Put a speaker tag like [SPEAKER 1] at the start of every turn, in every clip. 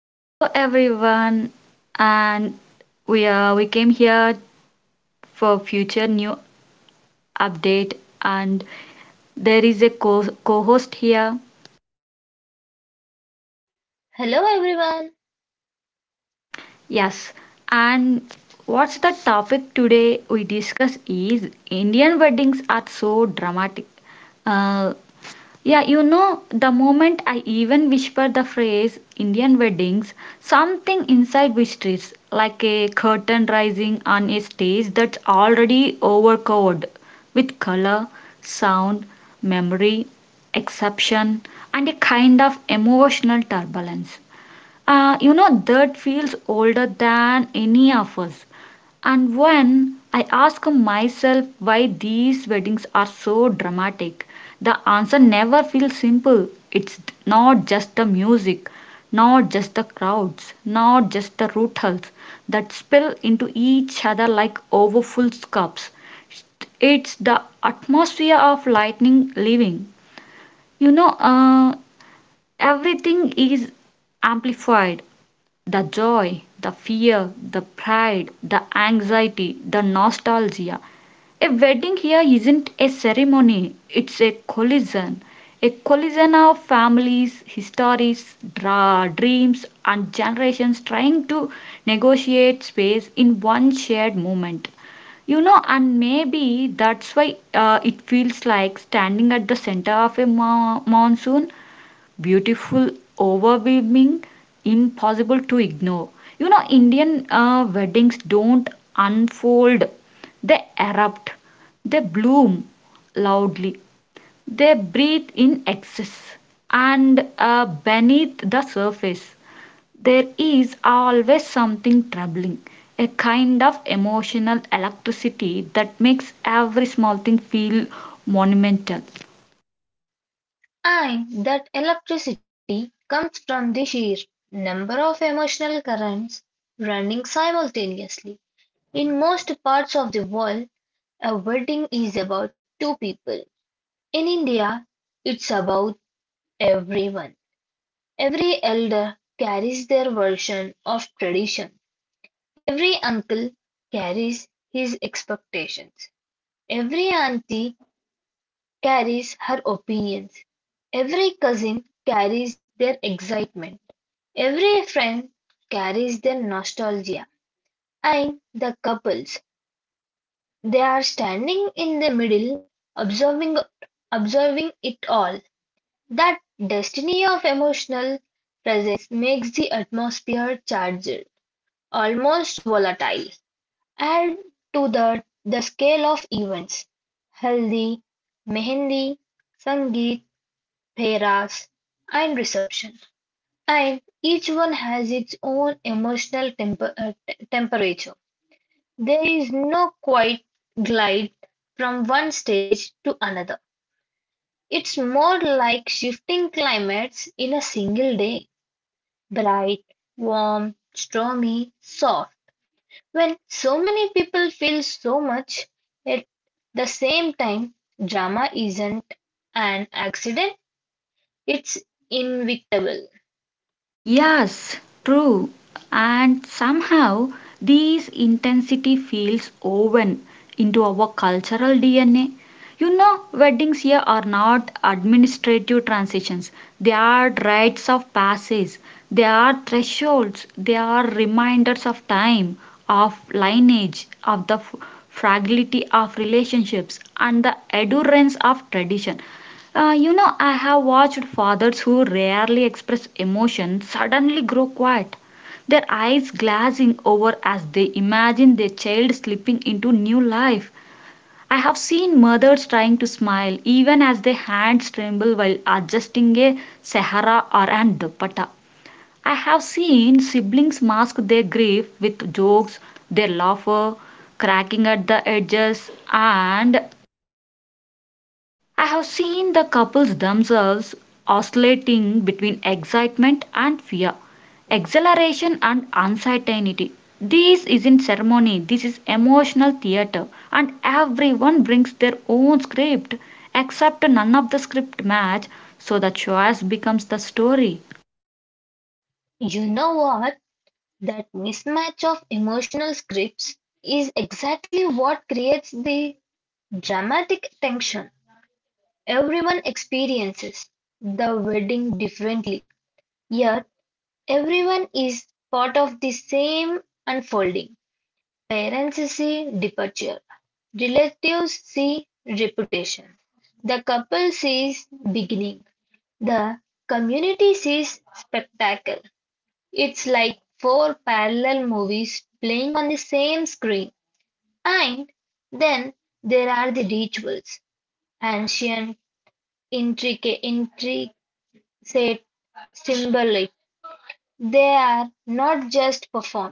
[SPEAKER 1] Hello everyone, and we came here for future new update, and there is a co co-host here.
[SPEAKER 2] Hello everyone.
[SPEAKER 1] Yes. And what's the topic today we discuss is Indian weddings are so dramatic. Uh, Yeah, you know, the moment I even whisper the phrase Indian weddings, something inside whispers, like a curtain rising on a stage that's already overcovered with color, sound, memory, exception, and a kind of emotional turbulence. You know, that feels older than any of us. And when I ask myself why these weddings are so dramatic, the answer never feels simple. It's not just the music, not just the crowds, not just the rituals that spill into each other like overfull cups. It's the atmosphere of lightning living. You know, everything is amplified, the joy, the fear, the pride, the anxiety, the nostalgia. A wedding here isn't a ceremony, it's a collision. A collision of families, histories, dreams, and generations trying to negotiate space in one shared moment. You know, and maybe that's why it feels like standing at the center of a monsoon, beautiful, overwhelming, impossible to ignore. You know, Indian weddings don't unfold, they erupt, they bloom loudly, they breathe in excess, and beneath the surface, there is always something troubling. A kind of emotional electricity that makes every small thing feel monumental.
[SPEAKER 2] I that electricity comes from the sheer number of emotional currents running simultaneously. In most parts of the world, a wedding is about two people. In India, it's about everyone. Every elder carries their version of tradition. Every uncle carries his expectations. Every auntie carries her opinions, every cousin carries their excitement, every friend carries their nostalgia, and the couples, they are standing in the middle, observing, observing it all. That destiny of emotional presence makes the atmosphere charged, almost volatile. Add to that the scale of events, haldi, mehendi, sangeet, paras, and reception, and each one has its own emotional temperature. There is no quiet glide from one stage to another. It's more like shifting climates in a single day bright, warm, stormy, soft. When so many people feel so much at the same time, drama isn't an accident, it's inevitable.
[SPEAKER 1] Yes, true. And somehow this intensity feels woven into our cultural DNA. You know, weddings here are not administrative transitions, they are rites of passage, they are thresholds, they are reminders of time, of lineage, of the fragility of relationships, and the endurance of tradition. You know, I have watched fathers who rarely express emotion suddenly grow quiet, their eyes glazing over as they imagine their child slipping into new life. I have seen mothers trying to smile even as their hands tremble while adjusting a sahara or an dupatta. I have seen siblings mask their grief with jokes, their laughter cracking at the edges, and I have seen the couples themselves oscillating between excitement and fear, exhilaration and uncertainty. This isn't ceremony, this is emotional theater, and everyone brings their own script, except none of the script match, so the choice becomes the story.
[SPEAKER 2] You know what? That mismatch of emotional scripts is exactly what creates the dramatic tension everyone experiences the wedding differently, yet everyone is part of the same unfolding. Parents see departure, relatives see reputation, the couple sees beginning, the community sees spectacle. It's like four parallel movies playing on the same screen. And then there are the rituals, ancient, intricate, symbolic. They are not just performed,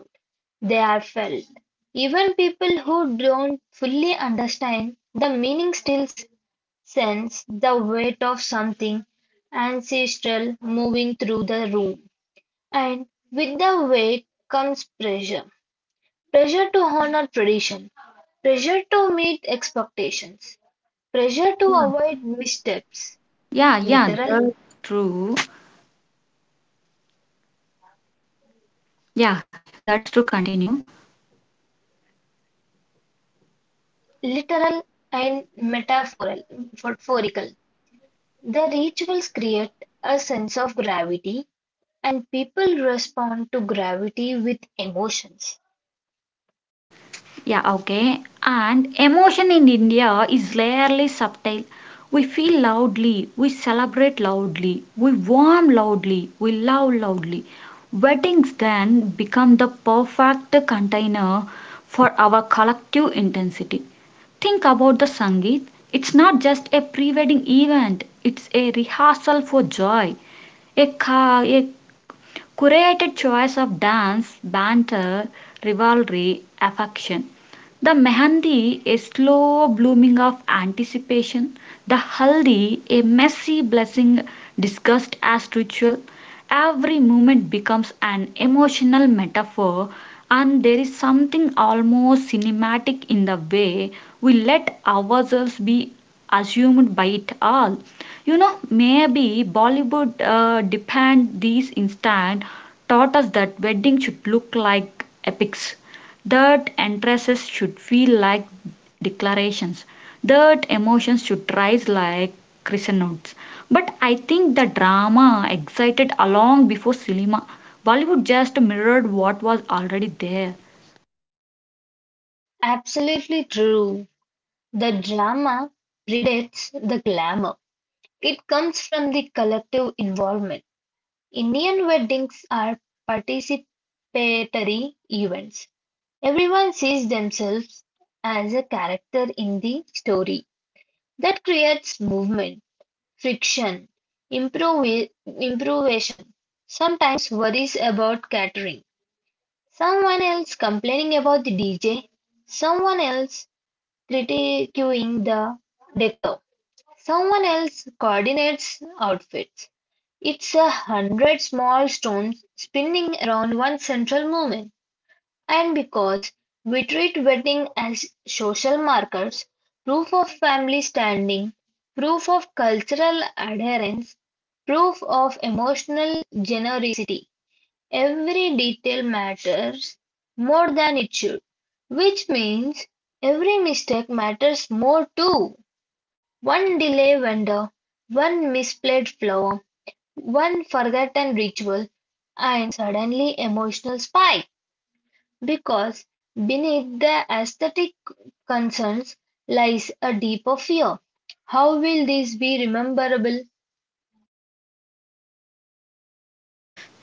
[SPEAKER 2] they are felt. Even people who don't fully understand the meaning still sense the weight of something ancestral moving through the room. And with the weight comes pressure to honor tradition, pressure to meet expectations, pressure to avoid missteps,
[SPEAKER 1] Yeah,
[SPEAKER 2] literal,
[SPEAKER 1] that's true. Yeah, that's true. Continue.
[SPEAKER 2] literal and metaphoral, metaphorical. The rituals create a sense of gravity and people respond to gravity with emotions.
[SPEAKER 1] Yeah, okay. And emotion in India is rarely subtle. We feel loudly, we celebrate loudly, we warm loudly, we love loudly. Weddings then become the perfect container for our collective intensity. Think about the Sangeet. It's not just a pre wedding event, it's a rehearsal for joy, a curated choice of dance, banter, rivalry, affection. The mehendi, a slow blooming of anticipation. The haldi, a messy blessing discussed as ritual. Every moment becomes an emotional metaphor, and there is something almost cinematic in the way we let ourselves be assumed by it all. You know, maybe Bollywood depend these instant taught us that wedding should look like epics, that entrances should feel like declarations, that emotions should rise like crescendos, but I think the drama excited along before cinema. Bollywood just mirrored what was already there.
[SPEAKER 2] Absolutely true. The drama predates the glamour. It comes from the collective involvement. Indian weddings are participatory events. Everyone sees themselves as a character in the story; that creates movement, friction, improv- improvisation, sometimes worries about catering, someone else complaining about the DJ, someone else critiquing the decor, someone else coordinates outfits. It's a hundred small stones spinning around one central moment. And because we treat wedding as social markers, proof of family standing, proof of cultural adherence, proof of emotional generosity, every detail matters more than it should, which means every mistake matters more too. One delay vendor, one misplaced flower, one forgotten ritual, and suddenly emotional spike. Because beneath the aesthetic concerns lies a deeper fear: how will these be rememberable?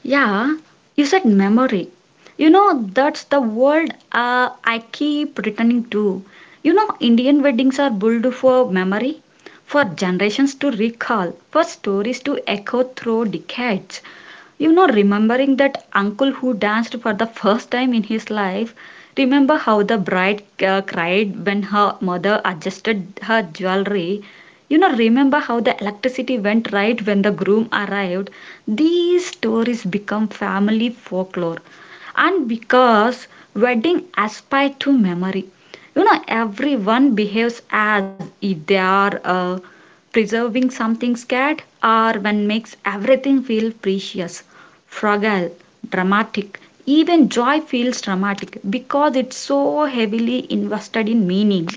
[SPEAKER 1] Yeah, you said memory. You know, that's the word I keep returning to. You know, Indian weddings are built for memory, for generations to recall, for stories to echo through decades. You know, remembering that uncle who danced for the first time in his life, remember how the bride cried when her mother adjusted her jewelry, you know, remember how the electricity went right when the groom arrived? These stories become family folklore. And because wedding aspire to memory, you know, everyone behaves as if they are preserving something scared or when makes everything feel precious, fragile, dramatic. Even joy feels dramatic because it's so heavily invested in meaning.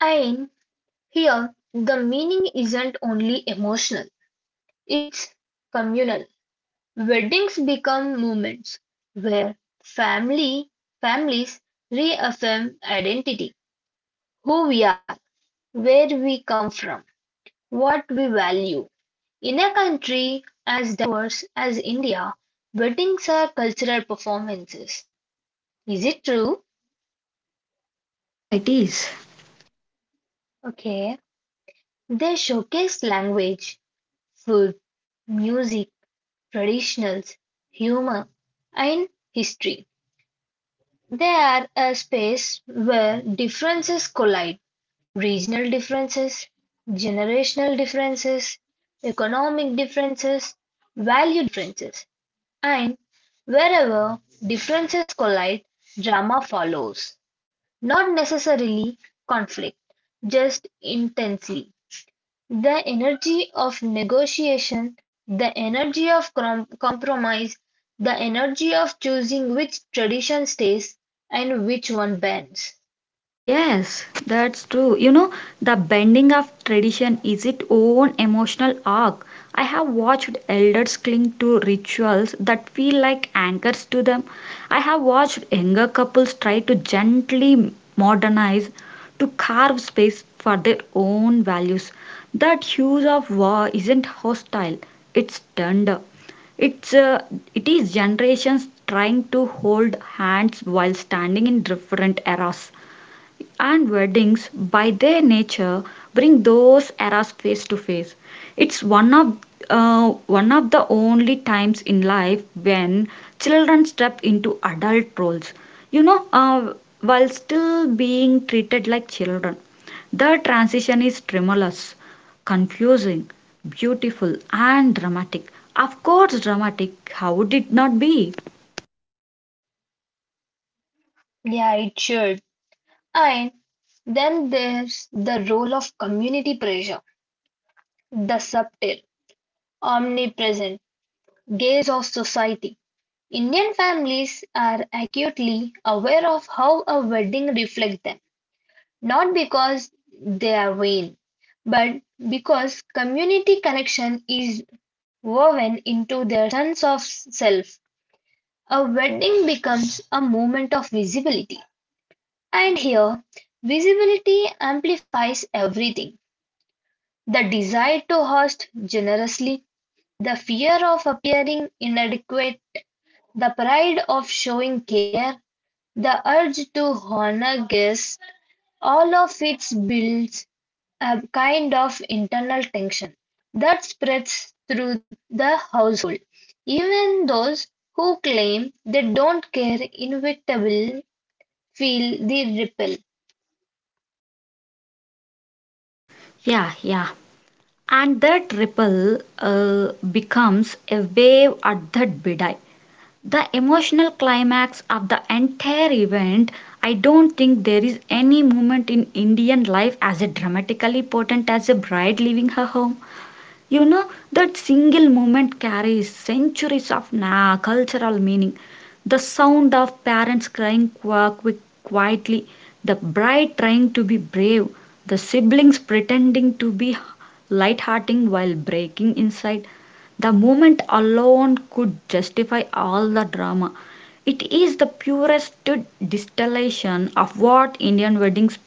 [SPEAKER 2] And here the meaning isn't only emotional, it's communal. Weddings become moments where family families reaffirm identity, who we are, where we come from, what we value. In a country as diverse as India, weddings are cultural performances. Is it true?
[SPEAKER 1] Yeah, it is.
[SPEAKER 2] Okay. They showcase language, food, music, traditionals, humor, and history. They are a space where differences collide. Regional differences, generational differences, economic differences, value differences. And wherever differences collide, drama follows, not necessarily conflict, just intensely. The energy of negotiation, the energy of compromise, the energy of choosing which tradition stays and which one bends.
[SPEAKER 1] Yes, that's true. You know, the bending of tradition is its own emotional arc. I have watched elders cling to rituals that feel like anchors to them. I have watched younger couples try to gently modernize to carve space for their own values. That hues of war isn't hostile, it's tender. It's it is generations trying to hold hands while standing in different eras. And weddings, by their nature, bring those eras face to face. It's one of the only times in life when children step into adult roles. You know, while still being treated like children. The transition is tremulous, confusing, beautiful, and dramatic. Of course, dramatic. How would it not be?
[SPEAKER 2] Yeah, it should. And then there's the role of community pressure, the subtle, omnipresent gaze of society. Indian families are acutely aware of how a wedding reflects them, not because they are vain, but because community connection is woven into their sense of self. A wedding becomes a moment of visibility. And here, visibility amplifies everything the desire to host generously, the fear of appearing inadequate, the pride of showing care, the urge to honor guests, all of it builds a kind of internal tension that spreads through the household. Even those who claim they don't care inevitably feel the ripple.
[SPEAKER 1] Yeah, yeah. And that ripple becomes a wave at that bidai. The emotional climax of the entire event, I don't think there is any moment in Indian life as dramatically potent as a bride leaving her home. You know, that single moment carries centuries of cultural meaning. The sound of parents crying quietly, the bride trying to be brave, the siblings pretending to be light-hearted while breaking inside. The moment alone could justify all the drama. It is the purest distillation of what Indian weddings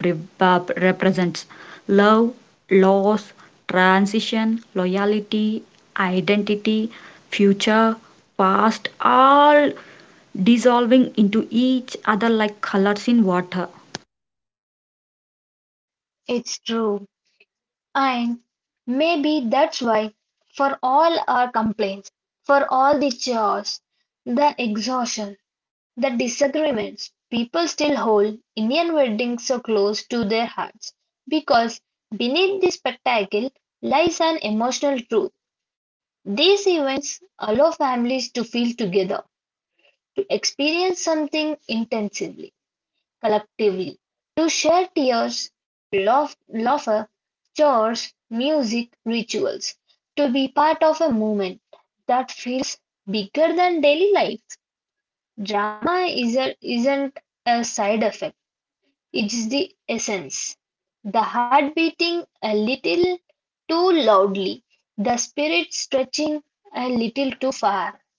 [SPEAKER 1] Birbab represents, love, loss, transition, loyalty, identity, future, past, all dissolving into each other like colors in water.
[SPEAKER 2] It's true. And maybe that's why, for all our complaints, for all the chores, the exhaustion, the disagreements, people still hold Indian weddings so close to their hearts. Because beneath the spectacle lies an emotional truth. These events allow families to feel together, to experience something intensively collectively to share tears, laugh- laughter, chores, music, rituals, to be part of a movement that feels bigger than daily life. Drama isn't a side effect, it is the essence. The heart beating a little too loudly, the spirit stretching a little too far,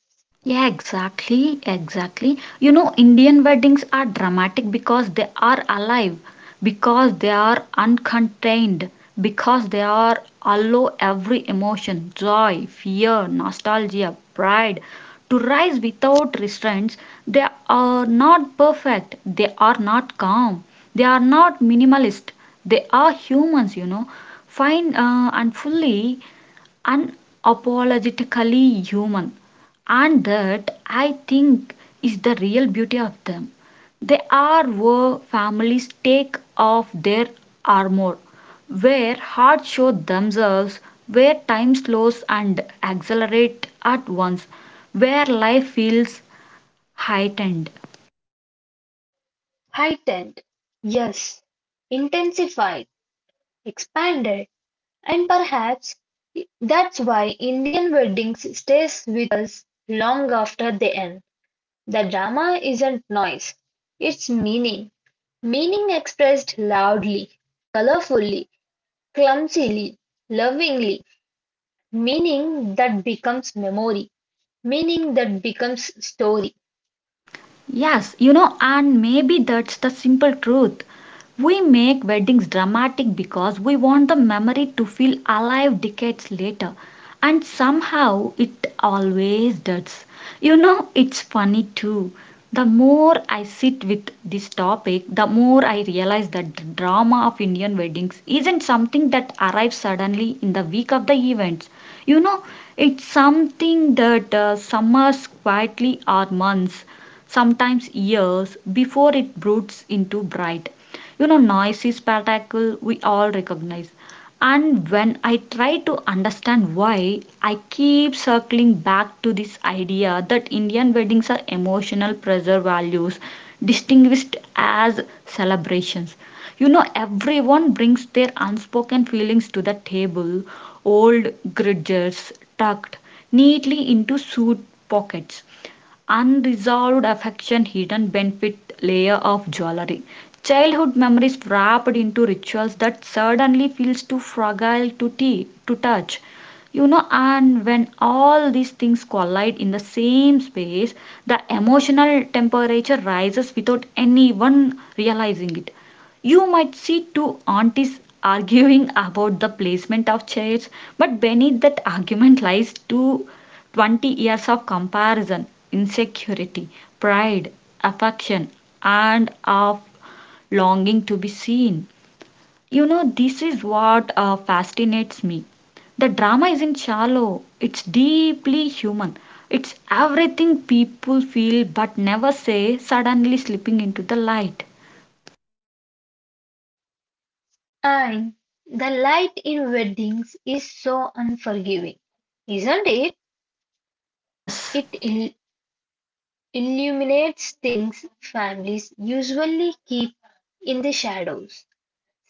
[SPEAKER 1] Yeah, exactly, exactly. You know, Indian weddings are dramatic because they are alive, because they are uncontained, because they are allow every emotion, joy, fear, nostalgia, pride, to rise without restraints. They are not perfect, they are not calm, they are not minimalist, they are humans, you know. Fine and fully unapologetically human, and that I think is the real beauty of them. They are where families take off their armor, where hearts show themselves, where time slows and accelerates at once, where life feels heightened.
[SPEAKER 2] heightened, yes, intensified, expanded. And perhaps that's why Indian weddings stays with us long after they end. The drama isn't noise, it's meaning. Meaning expressed loudly, colorfully, clumsily, lovingly. Meaning that becomes memory. Meaning that becomes story.
[SPEAKER 1] Yes, you know, and maybe that's the simple truth. We make weddings dramatic because we want the memory to feel alive decades later, and somehow it always does. You know, it's funny too. The more I sit with this topic, the more I realize that the drama of Indian weddings isn't something that arrives suddenly in the week of the events. You know, it's something that summers quietly or months, sometimes years, before it broods into bright. You know, noisy spectacle we all recognize. And when I try to understand why, I keep circling back to this idea that Indian weddings are emotional pressure values distinguished as celebrations. You know, everyone brings their unspoken feelings to the table, old grudges tucked neatly into suit pockets. Unresolved affection, hidden benefit, layer of jewelry. Childhood memories wrapped into rituals that suddenly feels too fragile to touch. You know, and when all these things collide in the same space, the emotional temperature rises without anyone realizing it. You might see two aunties arguing about the placement of chairs, but beneath that argument lies two 20 years of comparison, insecurity, pride, affection, and of longing to be seen. You know, this is what fascinates me. The drama isn't shallow, it's deeply human. It's everything people feel but never say, suddenly slipping into the light.
[SPEAKER 2] And the light in weddings is so unforgiving, isn't it?
[SPEAKER 1] Yes.
[SPEAKER 2] It illuminates things families usually keep in the shadows.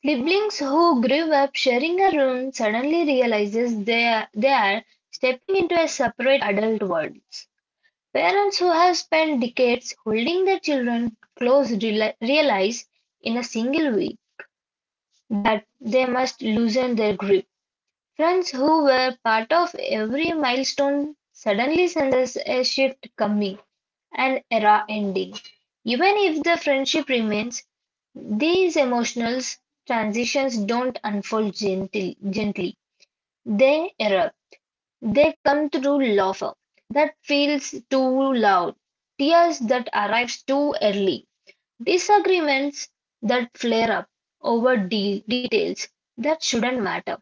[SPEAKER 2] Siblings who grew up sharing a room suddenly realizes they are stepping into a separate adult worlds. Parents who have spent decades holding their children close realize in a single week that they must loosen their grip. Friends who were part of every milestone suddenly senses a shift coming, an era ending. Even if the friendship remains, these emotional transitions don't unfold gently. Gently. They erupt. They come through laughter that feels too loud, tears that arrive too early, disagreements that flare up over details that shouldn't matter.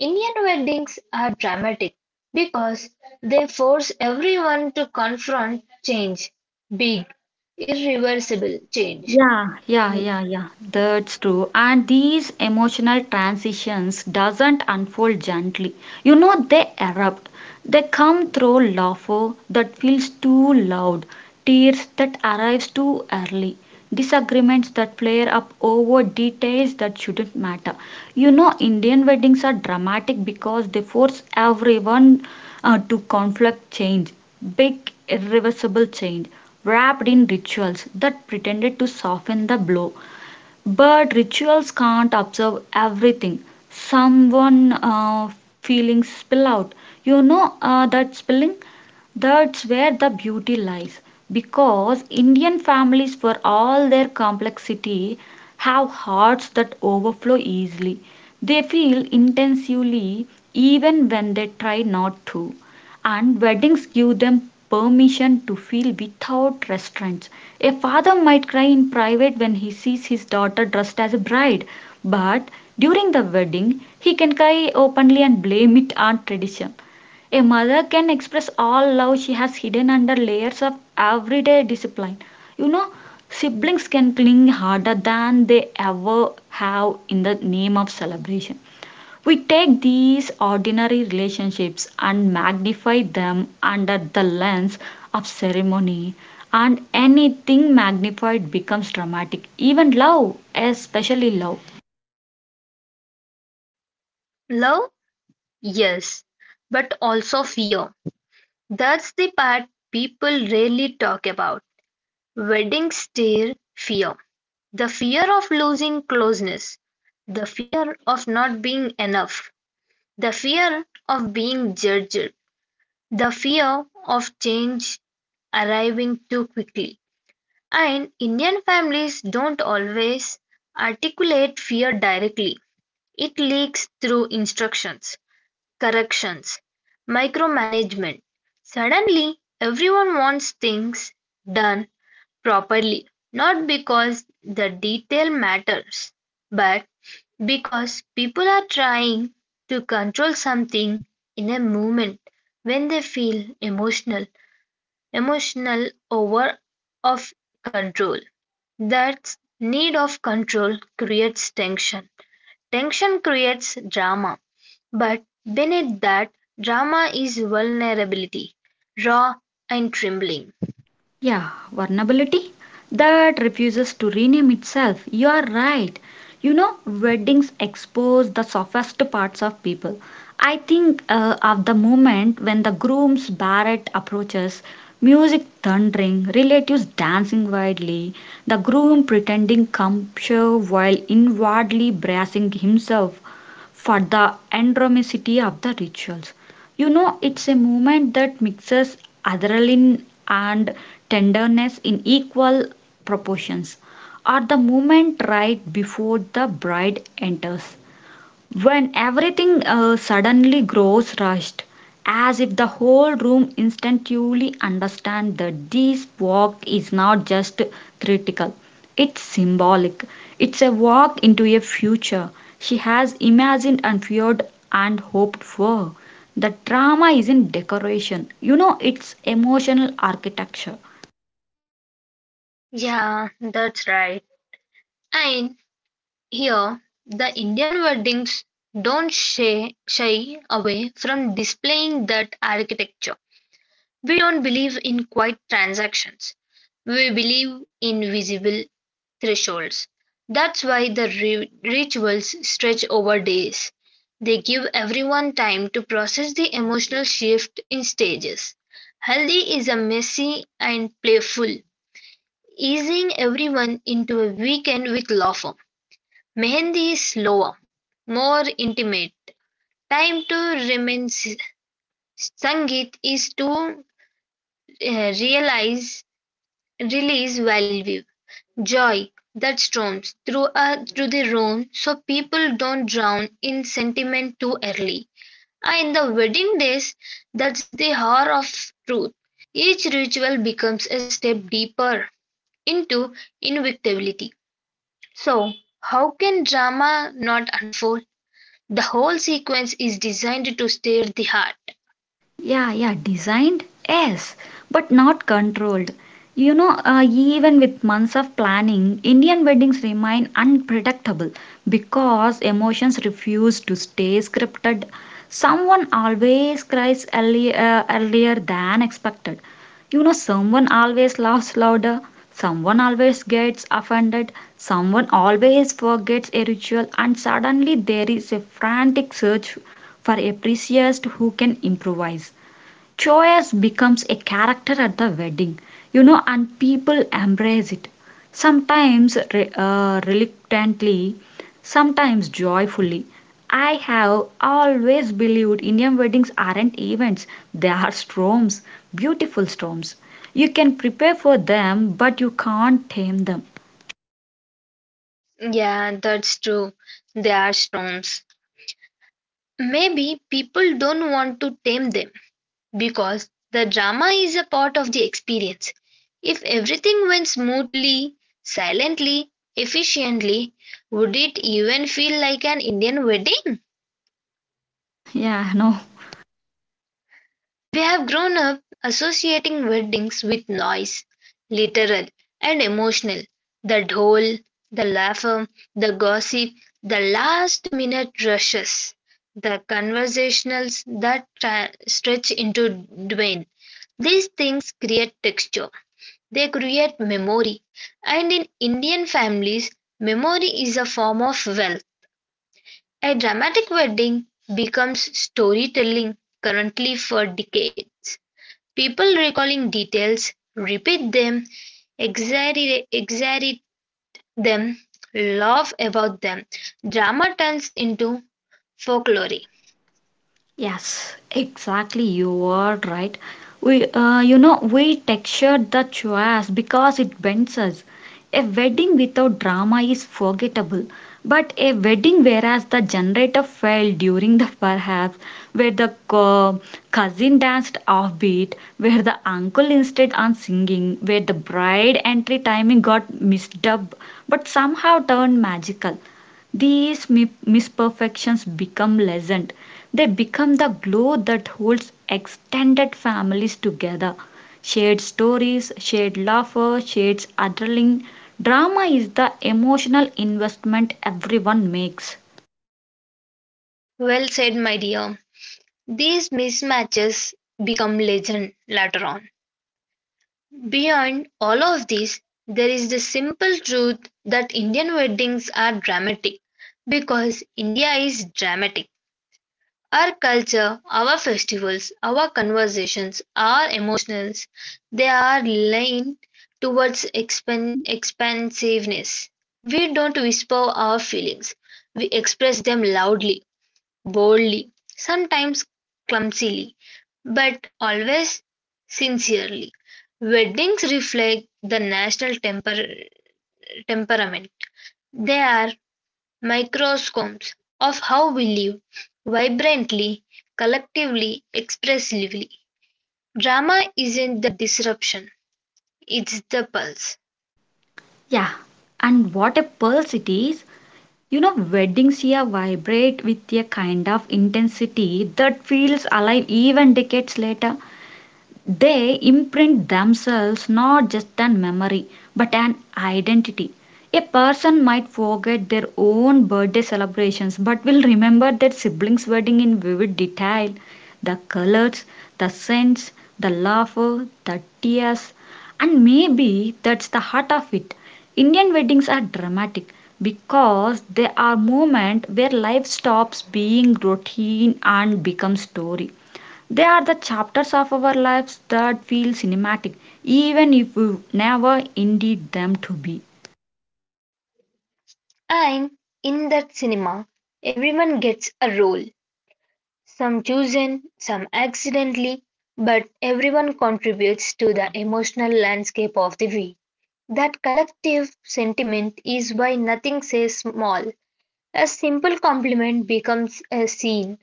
[SPEAKER 2] Indian weddings are dramatic because they force everyone to confront change, big, irreversible change.
[SPEAKER 1] Yeah. That's true. And these emotional transitions doesn't unfold gently. You know, they erupt. They come through laughter that feels too loud, tears that arrives too early, disagreements that flare up over details that shouldn't matter. You know, Indian weddings are dramatic because they force everyone to conflict change, big irreversible change wrapped in rituals that pretended to soften the blow. But rituals can't observe everything. Someone feelings spill out. You know, that spilling? That's where the beauty lies. Because Indian families, for all their complexity, have hearts that overflow easily. They feel intensely even when they try not to, and weddings give them permission to feel without restraints. A father might cry in private when he sees his daughter dressed as a bride, but during the wedding, he can cry openly and blame it on tradition. A mother can express all love she has hidden under layers of everyday discipline. You know, siblings can cling harder than they ever have in the name of celebration. We take these ordinary relationships and magnify them under the lens of ceremony, and anything magnified becomes dramatic. Even love, especially love.
[SPEAKER 2] Love? Yes, but also fear. That's the part people rarely talk about. Weddings stir fear. The fear of losing closeness, the fear of not being enough, the fear of being judged, the fear of change arriving too quickly. And Indian families don't always articulate fear directly. It leaks through instructions, corrections, micromanagement. Suddenly, everyone wants things done properly, not because the detail matters, but because people are trying to control something in a moment when they feel emotional over of control. That need of control creates tension, tension creates drama, but beneath that drama is vulnerability, raw and trembling.
[SPEAKER 1] Yeah, vulnerability that refuses to rename itself. You are right. You know, weddings expose the softest parts of people. I think of the moment when the groom's barret approaches, music thundering, relatives dancing wildly, the groom pretending composure while inwardly bracing himself for the endromicity of the rituals. You know, it's a movement that mixes adrenaline and tenderness in equal proportions. Or the moment right before the bride enters when everything suddenly grows rushed, as if the whole room instinctively understands that this walk is not just critical, it's symbolic. It's a walk into a future she has imagined and feared and hoped for. The drama isn't decoration, you know, it's emotional architecture.
[SPEAKER 2] Yeah, that's right. And here, the Indian weddings don't shy away from displaying that architecture. We don't believe in quiet transactions. We believe in visible thresholds. That's why the rituals stretch over days. They give everyone time to process the emotional shift in stages. Haldi is a messy and playful, easing everyone into a weekend with law firm. Mehendi is slower, more intimate. Time to remain s- Sangeet is to realize release value. Joy that storms through the room so people don't drown in sentiment too early. Ah, in the wedding days, that's the hour of truth. Each ritual becomes a step deeper into invictability. So, how can drama not unfold? The whole sequence is designed to stir the heart.
[SPEAKER 1] Yeah, yeah, designed, yes, but not controlled. Even with months of planning, Indian weddings remain unpredictable because emotions refuse to stay scripted. Someone always cries early, earlier than expected. Someone always laughs louder, someone always gets offended, someone always forgets a ritual, and suddenly there is a frantic search for a priest who can improvise. Choice becomes a character at the wedding, and people embrace it. Sometimes reluctantly, sometimes joyfully. I have always believed Indian weddings aren't events, they are storms, beautiful storms. You can prepare for them, but you can't tame them.
[SPEAKER 2] Yeah, that's true. They are storms. Maybe people don't want to tame them. Because the drama is a part of the experience. If everything went smoothly, silently, efficiently, would it even feel like an Indian wedding?
[SPEAKER 1] Yeah, no.
[SPEAKER 2] We have grown up associating weddings with noise, literal and emotional. The dhol, the laughter, the gossip, the last minute rushes, the conversationals that stretch into dwayne. These things create texture. They create memory, and in Indian families, memory is a form of wealth. A dramatic wedding becomes storytelling currently for decades. People recalling details, repeat them, exaggerate them, laugh about them. Drama turns into folklore.
[SPEAKER 1] Yes, exactly. You are right. We textured the choice because it bends us. A wedding without drama is forgettable, but a wedding whereas the generator failed during the perhaps, where the cousin danced offbeat, where the uncle insisted on singing, where the bride entry timing got misdubbed, but somehow turned magical. These misperfections become lessened. They become the glue that holds extended families together. Shared stories, shared laughter, shared adrenaline. Drama is the emotional investment everyone makes.
[SPEAKER 2] Well said, my dear. These mismatches become legend later on. Beyond all of this, there is the simple truth that Indian weddings are dramatic because India is dramatic. Our culture, our festivals, our conversations, our emotions, they are leaned towards expansiveness. We don't whisper our feelings, we express them loudly boldly, sometimes clumsily, but always sincerely. Weddings reflect the national temperament. They are microscopes of how we live, vibrantly, collectively, expressively. Drama isn't the disruption, it's the pulse.
[SPEAKER 1] Yeah, and what a pulse it is. You know, weddings here vibrate with a kind of intensity that feels alive even decades later. They imprint themselves not just on memory but an identity. A person might forget their own birthday celebrations but will remember their sibling's wedding in vivid detail, the colors, the scents, the laughter, the tears, and maybe that's the heart of it. Indian weddings are dramatic because they are moments where life stops being routine and becomes story. They are the chapters of our lives that feel cinematic, even if we never indeed them to be.
[SPEAKER 2] And in that cinema, everyone gets a role. Some chosen, some accidentally, but everyone contributes to the emotional landscape of the V. That collective sentiment is why nothing says small. A simple compliment becomes a scene.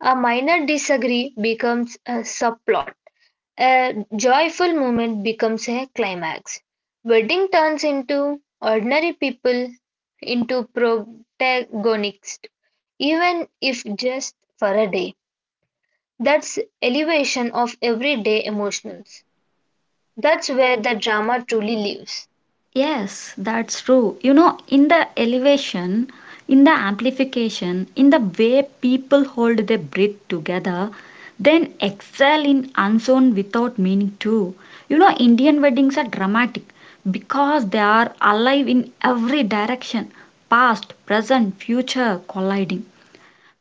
[SPEAKER 2] A minor disagree becomes a subplot. A joyful moment becomes a climax. Wedding turns into ordinary people into protagonists, even if just for a day. That's elevation of everyday emotions. That's where the drama truly lives.
[SPEAKER 1] Yes, that's true. You know, in the elevation, in the amplification, in the way people hold their breath together, then excel in unseen without meaning to. You know, Indian weddings are dramatic because they are alive in every direction, past, present, future colliding.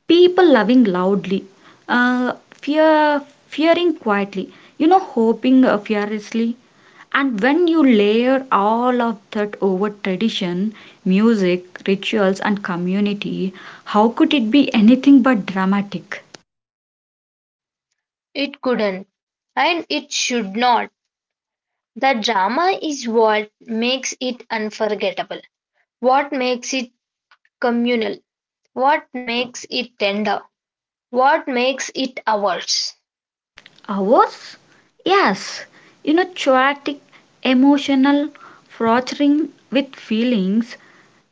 [SPEAKER 1] People loving loudly, uh, fear fearing quietly, you know, hoping, fearlessly, and when you layer all of that over tradition, music, rituals and community, how could it be anything but dramatic?
[SPEAKER 2] It couldn't, and it should not. The drama is what makes it unforgettable, what makes it communal, what makes it tender, what makes it ours.
[SPEAKER 1] Ours, yes. You know, chaotic, emotional, frothing with feelings,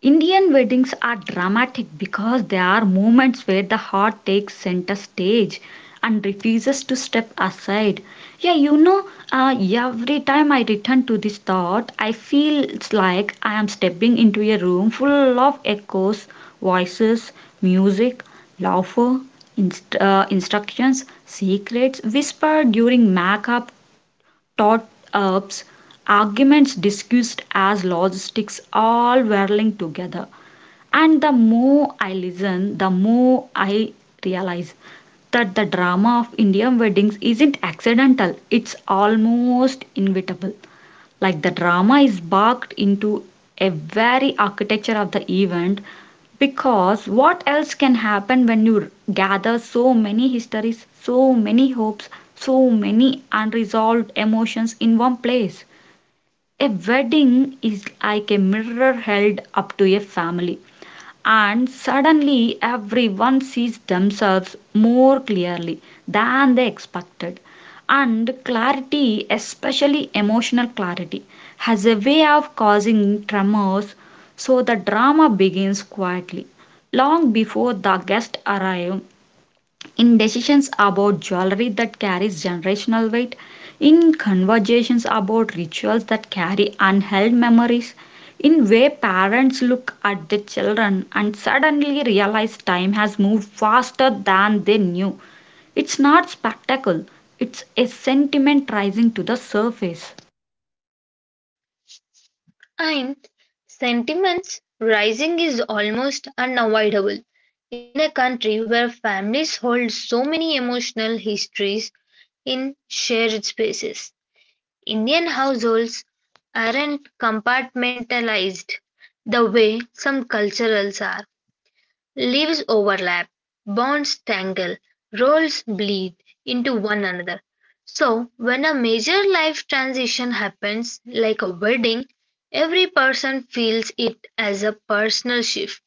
[SPEAKER 1] Indian weddings are dramatic because they are moments where the heart takes center stage and refuses to step aside. Yeah, you know, every time I return to this thought, I feel it's like I am stepping into a room full of echoes, voices, music, laughter, instructions, secrets whispered during makeup, taught ups, arguments discussed as logistics all whirling together. And the more I listen, the more I realize that the drama of Indian weddings isn't accidental, it's almost inevitable. Like the drama is baked into a very architecture of the event, because what else can happen when you gather so many histories, so many hopes, so many unresolved emotions in one place? A wedding is like a mirror held up to a family, and suddenly everyone sees themselves more clearly than they expected, and clarity, especially emotional clarity, has a way of causing tremors. So the drama begins quietly, long before the guests arrive, in decisions about jewelry that carries generational weight, in conversations about rituals that carry unheld memories, in way parents look at their children and suddenly realize time has moved faster than they knew. It's not spectacle, it's a sentiment rising to the surface.
[SPEAKER 2] And sentiments rising is almost unavoidable. In a country where families hold so many emotional histories in shared spaces. Indian households aren't compartmentalized the way some cultures are; lives overlap, bonds tangle, roles bleed into one another. So, when a major life transition happens, like a wedding, every person feels it as a personal shift.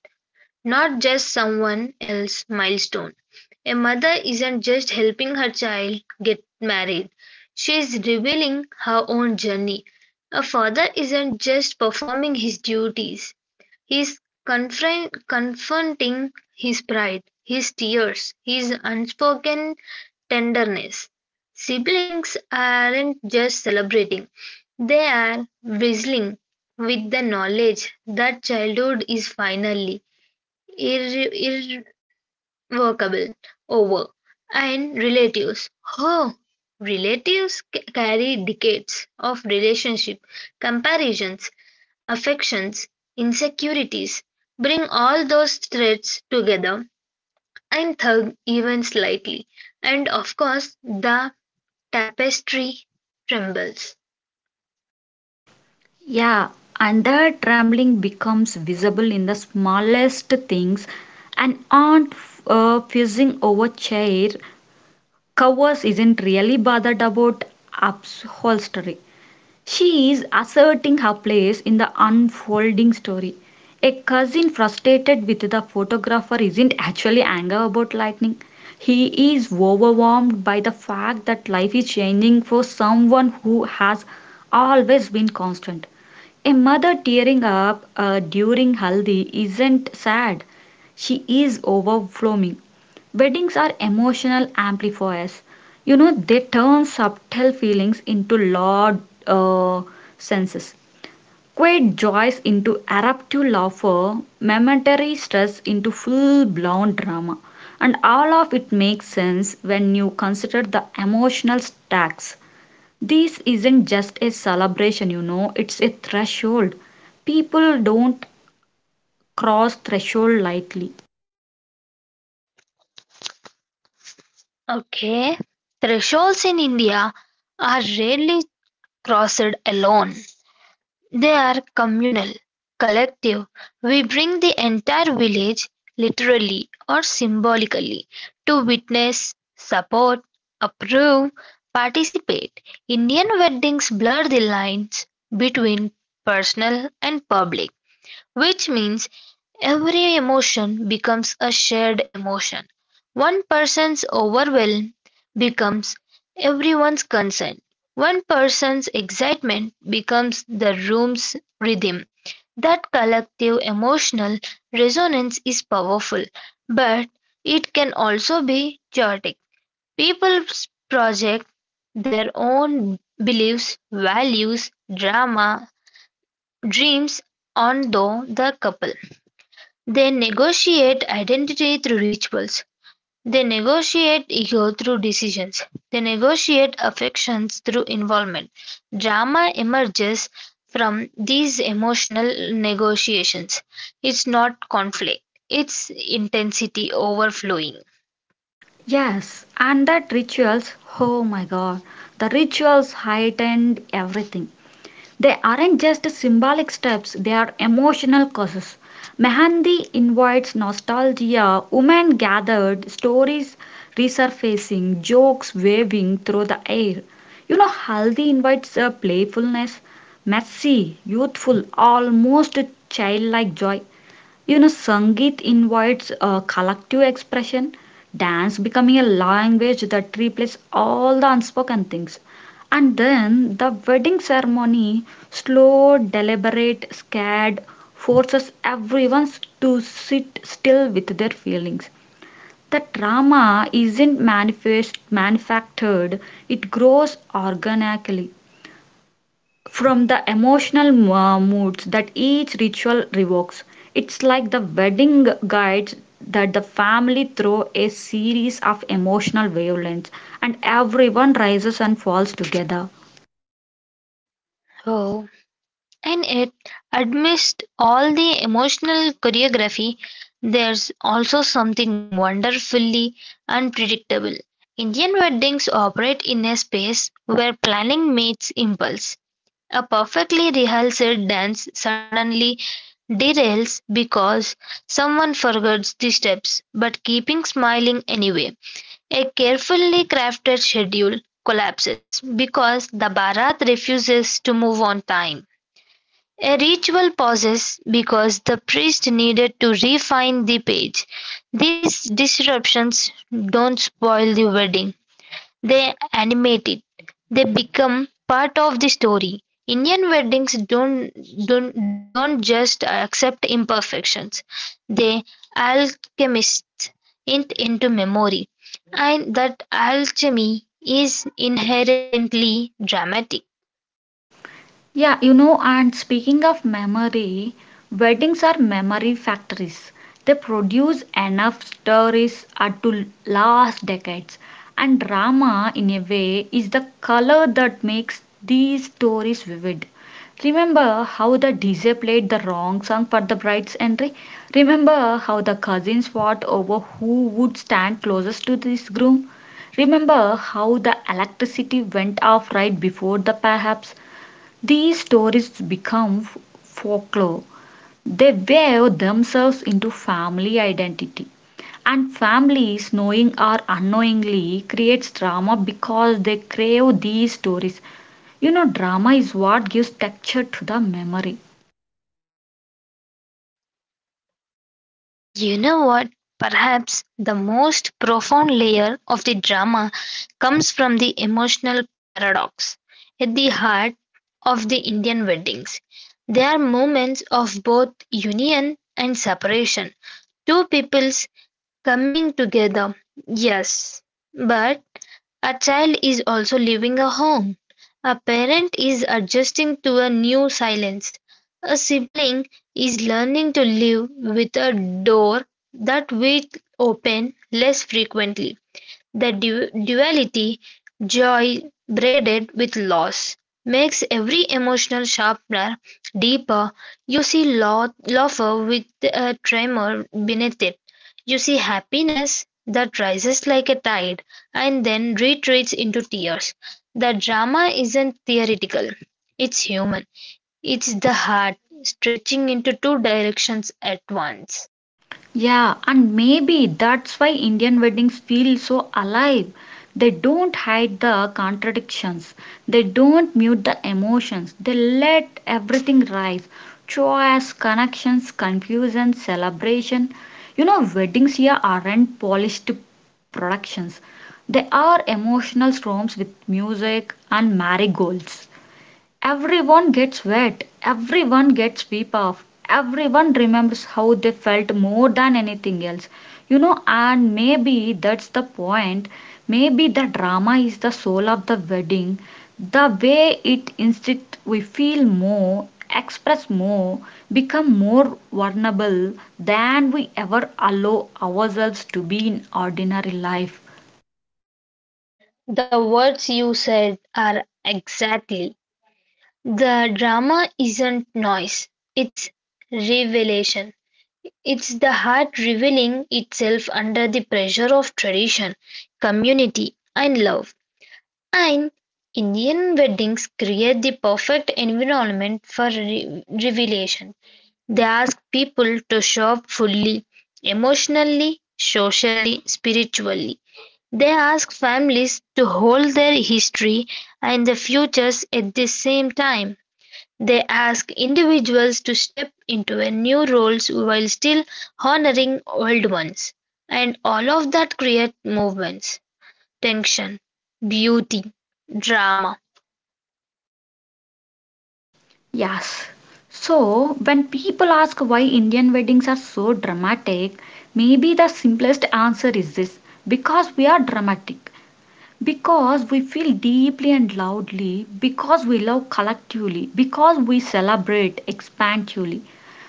[SPEAKER 2] Not just someone else's milestone. A mother isn't just helping her child get married, she is revealing her own journey. A father isn't just performing his duties, he's confronting his pride, his tears, his unspoken tenderness. Siblings aren't just celebrating, they are bristling with the knowledge that childhood is finally irre- irrevocable over, and relatives, oh, relatives carry decades of relationship, comparisons, affections, insecurities. Bring all those threads together and tug even slightly, and of course the tapestry trembles.
[SPEAKER 1] Yeah, and the trembling becomes visible in the smallest things. An aunt fussing over chair, Cowers isn't really bothered about upholstery. She is asserting her place in the unfolding story. A cousin frustrated with the photographer isn't actually angry about lightning. He is overwhelmed by the fact that life is changing for someone who has always been constant. A mother tearing up during Haldi isn't sad. She is overflowing. Weddings are emotional amplifiers. You know, they turn subtle feelings into loud uh, senses, quiet joys into eruptive laughter, momentary stress into full blown drama. And all of it makes sense when you consider the emotional stacks. This isn't just a celebration, you know, it's a threshold. People don't cross threshold lightly.
[SPEAKER 2] Okay, thresholds in India are rarely crossed alone. They are communal, collective; we bring the entire village, literally or symbolically, to witness, support, approve, participate. Indian weddings blur the lines between personal and public. Which means every emotion becomes a shared emotion. One person's overwhelm becomes everyone's concern. One person's excitement becomes the room's rhythm. That collective emotional resonance is powerful, but it can also be chaotic. People project their own beliefs, values, drama, dreams onto the couple. They negotiate identity through rituals; they negotiate ego through decisions; they negotiate affections through involvement; drama emerges from these emotional negotiations; it's not conflict, it's intensity overflowing.
[SPEAKER 1] Yes, and that rituals, oh my god, the rituals heightened everything. They aren't just symbolic steps, they are emotional causes. Mehandi invites nostalgia, women gathered, stories resurfacing, jokes waving through the air. You know, Haldi invites a playfulness, messy, youthful, almost childlike joy. You know, Sangeet invites a collective expression, dance becoming a language that replaces all the unspoken things. And then the wedding ceremony, slow, deliberate, scared, forces everyone to sit still with their feelings. The drama isn't manifest, manufactured, it grows organically from the emotional moods that each ritual revokes. It's like the wedding guides that the family throw a series of emotional wavelengths, and everyone rises and falls together.
[SPEAKER 2] So, and it, amidst all the emotional choreography, there's also something wonderfully unpredictable. Indian weddings operate in a space where planning meets impulse. A perfectly rehearsed dance suddenly derails because someone forgets the steps, but keeping smiling anyway. A carefully crafted schedule collapses because the Bharat refuses to move on time. A ritual pauses because the priest needed to refine the page. These disruptions don't spoil the wedding, they animate it. They become part of the story. Indian weddings don't just accept imperfections, they alchemize it into memory. And that alchemy is inherently dramatic.
[SPEAKER 1] Yeah, you know, and speaking of memory, weddings are memory factories. They produce enough stories to last decades. And drama, in a way, is the color that makes these stories vivid. Remember how the DJ played the wrong song for the bride's entry? Remember how the cousins fought over who would stand closest to this groom? Remember how the electricity went off right before the perhaps? These stories become folklore. They weave themselves into family identity. And families, knowing or unknowingly, creates drama because they crave these stories. You know, drama is what gives texture to the memory.
[SPEAKER 2] You know what? Perhaps the most profound layer of the drama comes from the emotional paradox at the heart of the Indian weddings. They are moments of both union and separation, two peoples coming together, yes, but a child is also leaving a home, a parent is adjusting to a new silence, a sibling is learning to live with a door that will open less frequently. The duality, joy braided with loss, makes every emotional sharpener deeper. You see laughter with a tremor beneath it. You see happiness that rises like a tide and then retreats into tears. The drama isn't theoretical, it's human. It's the heart stretching into two directions at once.
[SPEAKER 1] Yeah, and maybe that's why Indian weddings feel so alive. They don't hide the contradictions, they don't mute the emotions, they let everything rise. Choice, connections, confusion, celebration. You know, weddings here aren't polished productions, they are emotional storms with music and marigolds. Everyone gets wet, everyone gets weep off, everyone remembers how they felt more than anything else. You know, and maybe that's the point. Maybe the drama is the soul of the wedding. The way it instead we feel more, express more, become more vulnerable than we ever allow ourselves to be in ordinary life.
[SPEAKER 2] The words you said are exactly the drama isn't noise, it's revelation. It's the heart revealing itself under the pressure of tradition, community, and love. And Indian weddings create the perfect environment for revelation. They ask people to show up fully, emotionally, socially, spiritually. They ask families to hold their history and their futures at the same time. They ask individuals to step into a new roles while still honoring old ones, and all of that creates movements, tension, beauty, drama,
[SPEAKER 1] Yes. So, when people ask why Indian weddings are so dramatic, maybe the simplest answer is this: because we are dramatic, because we feel deeply and loudly, because we love collectively, because we celebrate expansively,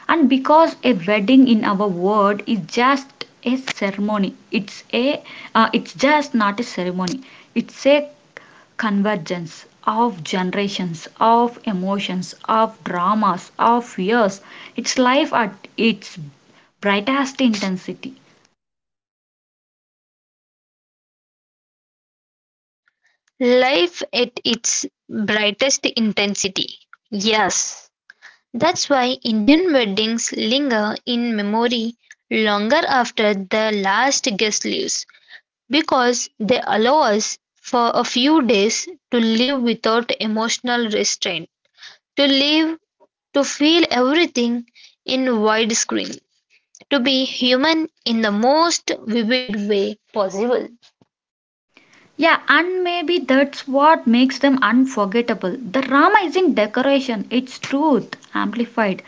[SPEAKER 1] and because a wedding in our world is just a ceremony. It's just not a ceremony. It's a convergence of generations, of emotions, of dramas, of years. It's life at its brightest intensity.
[SPEAKER 2] life at its brightest intensity. Yes, that's why Indian weddings linger in memory longer after the last guest leaves, because they allow us for a few days to live without emotional restraint. To live, to feel everything in widescreen, to be human in the most vivid way possible.
[SPEAKER 1] Yeah, and maybe that's what makes them unforgettable. The drama isn't decoration, it's truth amplified.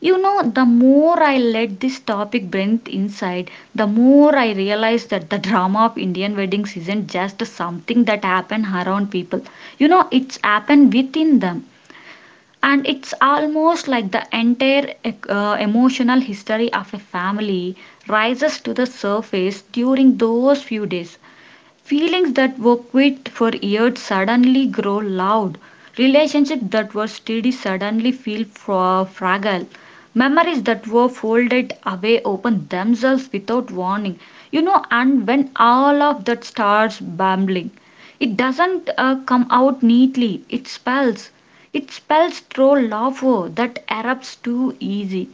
[SPEAKER 1] You know, the more I let this topic breathe inside, the more I realize that the drama of Indian weddings isn't just something that happened around people. You know, it's happened within them. And it's almost like the entire emotional history of a family rises to the surface during those few days. Feelings that were quiet for years suddenly grow loud. Relationships that were steady suddenly feel fragile. Memories that were folded away open themselves without warning. You know, and when all of that starts bumbling, it doesn't come out neatly. It spells. It spells through laughter that erupts too easy,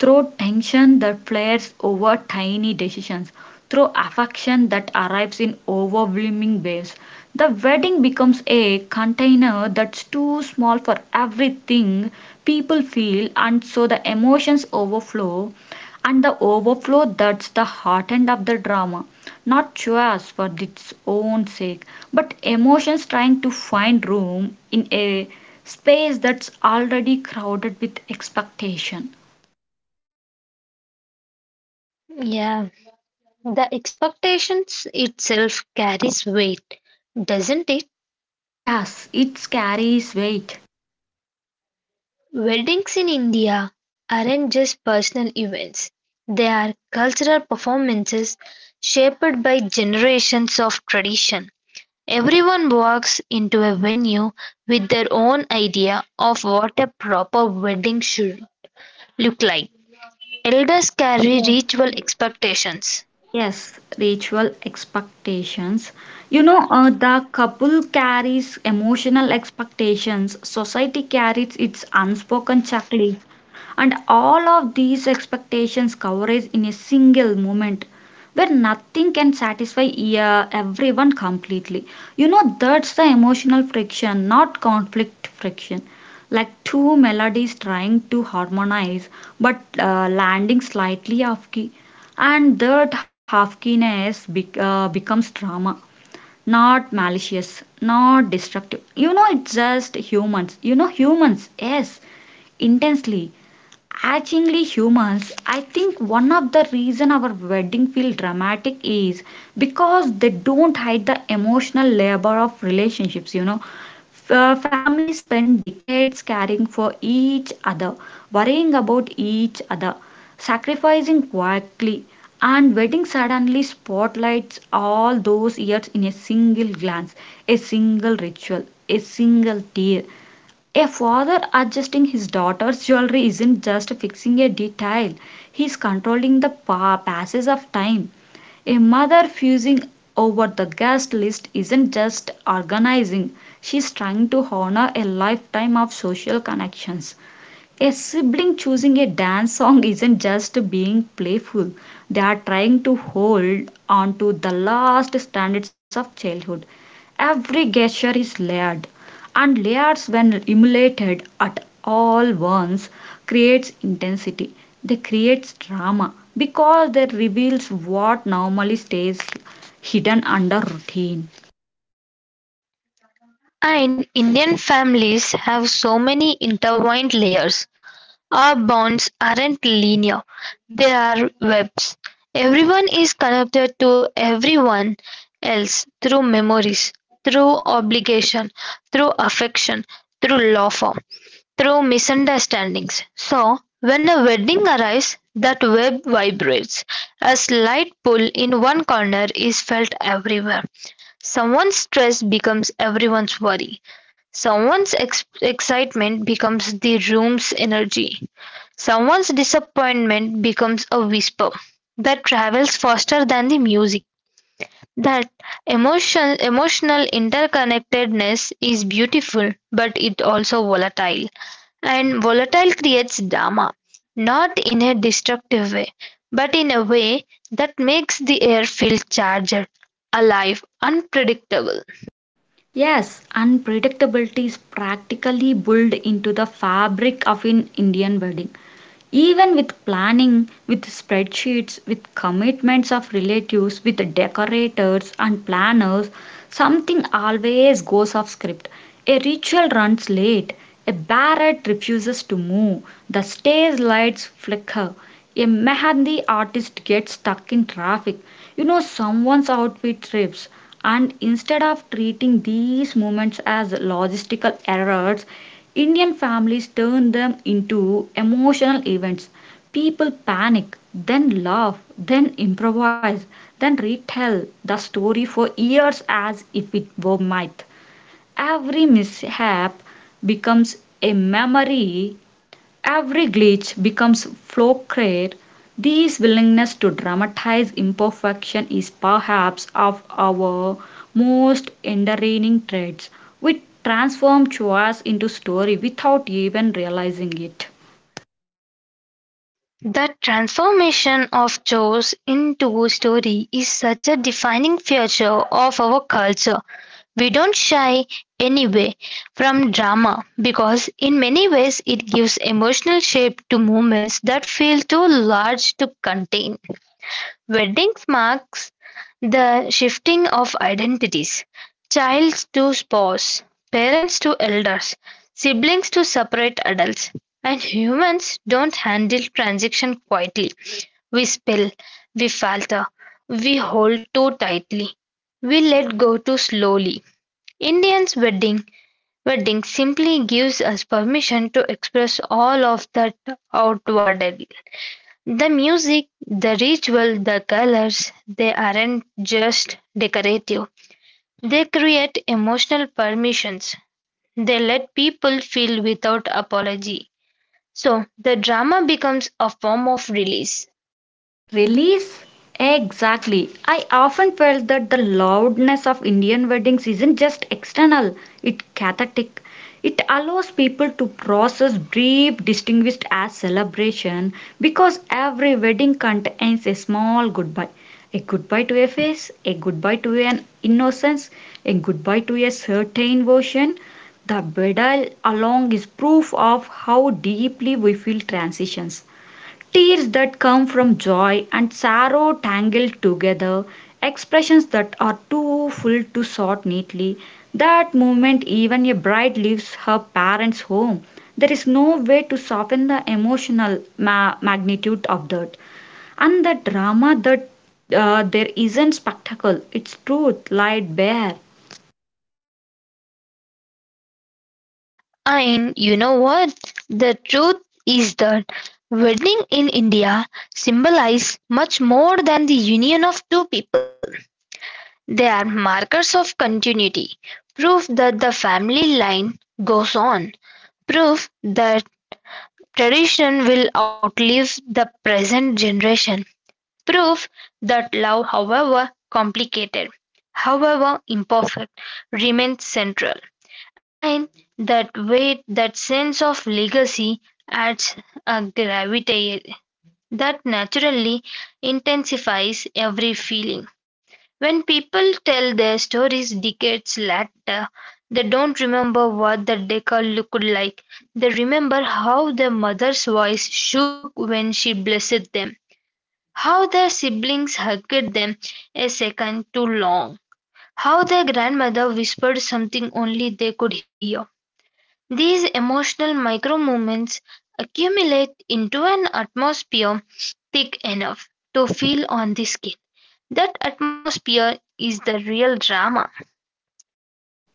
[SPEAKER 1] through tension that flares over tiny decisions, through affection that arrives in overwhelming waves. The wedding becomes a container that's too small for everything people feel, and so the emotions overflow. And the overflow, that's the heart end of the drama, not choice for its own sake, but emotions trying to find room in a space that's already crowded with expectation.
[SPEAKER 2] Yeah, the expectations itself carries weight, doesn't it?
[SPEAKER 1] Yes, it carries weight.
[SPEAKER 2] Weddings in India aren't just personal events, they are cultural performances shaped by generations of tradition. Everyone walks into a venue with their own idea of what a proper wedding should look like. Elders
[SPEAKER 1] Yeah,
[SPEAKER 2] carry
[SPEAKER 1] yeah.
[SPEAKER 2] ritual expectations,
[SPEAKER 1] Yes, ritual expectations. The couple carries emotional expectations. Society carries its unspoken checklist, and all of these expectations coverage in a single moment where nothing can satisfy everyone completely. You know, that's the emotional friction, not conflict friction, like two melodies trying to harmonize, but landing slightly off key, and that half keyness becomes drama, not malicious, not destructive. You know, it's just humans, you know, humans, yes, intensely, actually humans. I think one of the reason our wedding feel dramatic is because they don't hide the emotional labor of relationships. You know, families spend decades caring for each other, worrying about each other, sacrificing quietly, and wedding suddenly spotlights all those years in a single glance, a single ritual, a single tear. A father adjusting his daughter's jewelry isn't just fixing a detail, he's controlling the passage of time. A mother fusing over the guest list isn't just organizing, she's trying to honor a lifetime of social connections. A sibling choosing a dance song isn't just being playful, they are trying to hold on to the last standards of childhood. Every gesture is layered, and layers, when emulated at all once, creates intensity. They creates drama because they reveals what normally stays hidden under routine.
[SPEAKER 2] and Indian families have so many intertwined layers. Our bonds aren't linear, they are webs; everyone is connected to everyone else through memories, through obligation, through affection, through lawfare, through misunderstandings. So, when a wedding arrives, that web vibrates. A slight pull in one corner is felt everywhere. Someone's stress becomes everyone's worry. Someone's excitement becomes the room's energy. Someone's disappointment becomes a whisper that travels faster than the music. That emotion, emotional interconnectedness is beautiful, but it also volatile. And volatile creates drama, not in a destructive way, but in a way that makes the air feel charged, alive, unpredictable.
[SPEAKER 1] Yes, unpredictability is practically built into the fabric of an Indian wedding. Even with planning, with spreadsheets, with commitments of relatives, with decorators and planners, something always goes off script. A ritual runs late, a barrett refuses to move, the stage lights flicker, a mehndi artist gets stuck in traffic, you know, someone's outfit trips, and instead of treating these moments as logistical errors, Indian families turn them into emotional events. People panic, then laugh, then improvise, then retell the story for years as if it were myth. Every mishap becomes a memory. Every glitch becomes fluctuate. This willingness to dramatize imperfection is perhaps of our most endearing traits. We transform chores into story without even realizing it.
[SPEAKER 2] The transformation of chores into story is such a defining feature of our culture. We don't shy anyway from drama because in many ways it gives emotional shape to moments that feel too large to contain. Weddings marks the shifting of identities, child to spouse, parents to elders, siblings to separate adults. And humans don't handle transition quietly. We spill, we falter, we hold too tightly, we let go too slowly. Indians wedding simply gives us permission to express all of that outwardly. The music, the ritual, the colors, they aren't just decorative. They create emotional permissions. They let people feel without apology. So the drama becomes a form of release.
[SPEAKER 1] Release? Exactly. I often felt that the loudness of Indian weddings isn't just external, it's cathartic. It allows people to process brief, distinguished as celebration, because every wedding contains a small goodbye. A goodbye to a face, a goodbye to an innocence, a goodbye to a certain version. The bridal along is proof of how deeply we feel transitions. Tears that come from joy and sorrow tangled together, expressions that are too full to sort neatly. That moment, even a bride leaves her parents' home. There is no way to soften the emotional magnitude of that. And the drama that there isn't spectacle, it's truth laid bare.
[SPEAKER 2] And you know what? The truth is that wedding in India symbolize much more than the union of two people. They are markers of continuity, proof that the family line goes on, proof that tradition will outlive the present generation, proof that love, however complicated, however imperfect, remains central. And that weight, that sense of legacy adds a gravity that naturally intensifies every feeling. When people tell their stories decades later, they don't remember what the decade looked like. They remember how their mother's voice shook when she blessed them, how their siblings hugged them a second too long, how their grandmother whispered something only they could hear. These emotional micro-moments accumulate into an atmosphere thick enough to feel on the skin. That atmosphere is the real drama.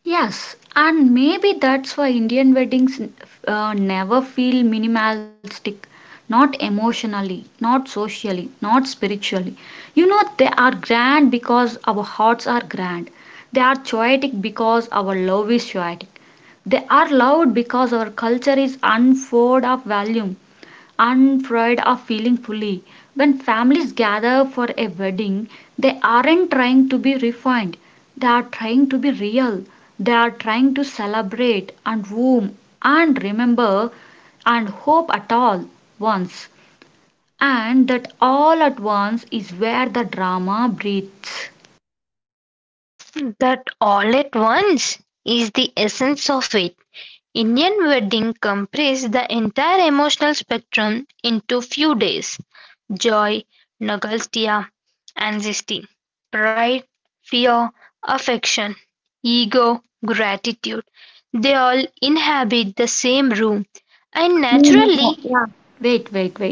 [SPEAKER 1] Yes, and maybe that's why Indian weddings never feel minimalistic, not emotionally, not socially, not spiritually. You know, they are grand because our hearts are grand. They are choetic because our love is choetic. They are loud because our culture is unfold of volume, unafraid of feeling fully. When families gather for a wedding, they aren't trying to be refined, they are trying to be real, they are trying to celebrate and womb and remember and hope at all once. And that all at once is where the drama breathes.
[SPEAKER 2] That all at once is the essence of it. Indian wedding compresses the entire emotional spectrum into few days. Joy, nostalgia, anxiety, pride, fear, affection, ego, gratitude. They all inhabit the same room. And naturally,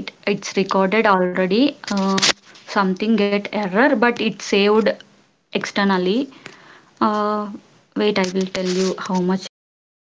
[SPEAKER 1] Wait, it's recorded already. Something get error, but it saved externally. uh, Wait, I will tell you how much it comes.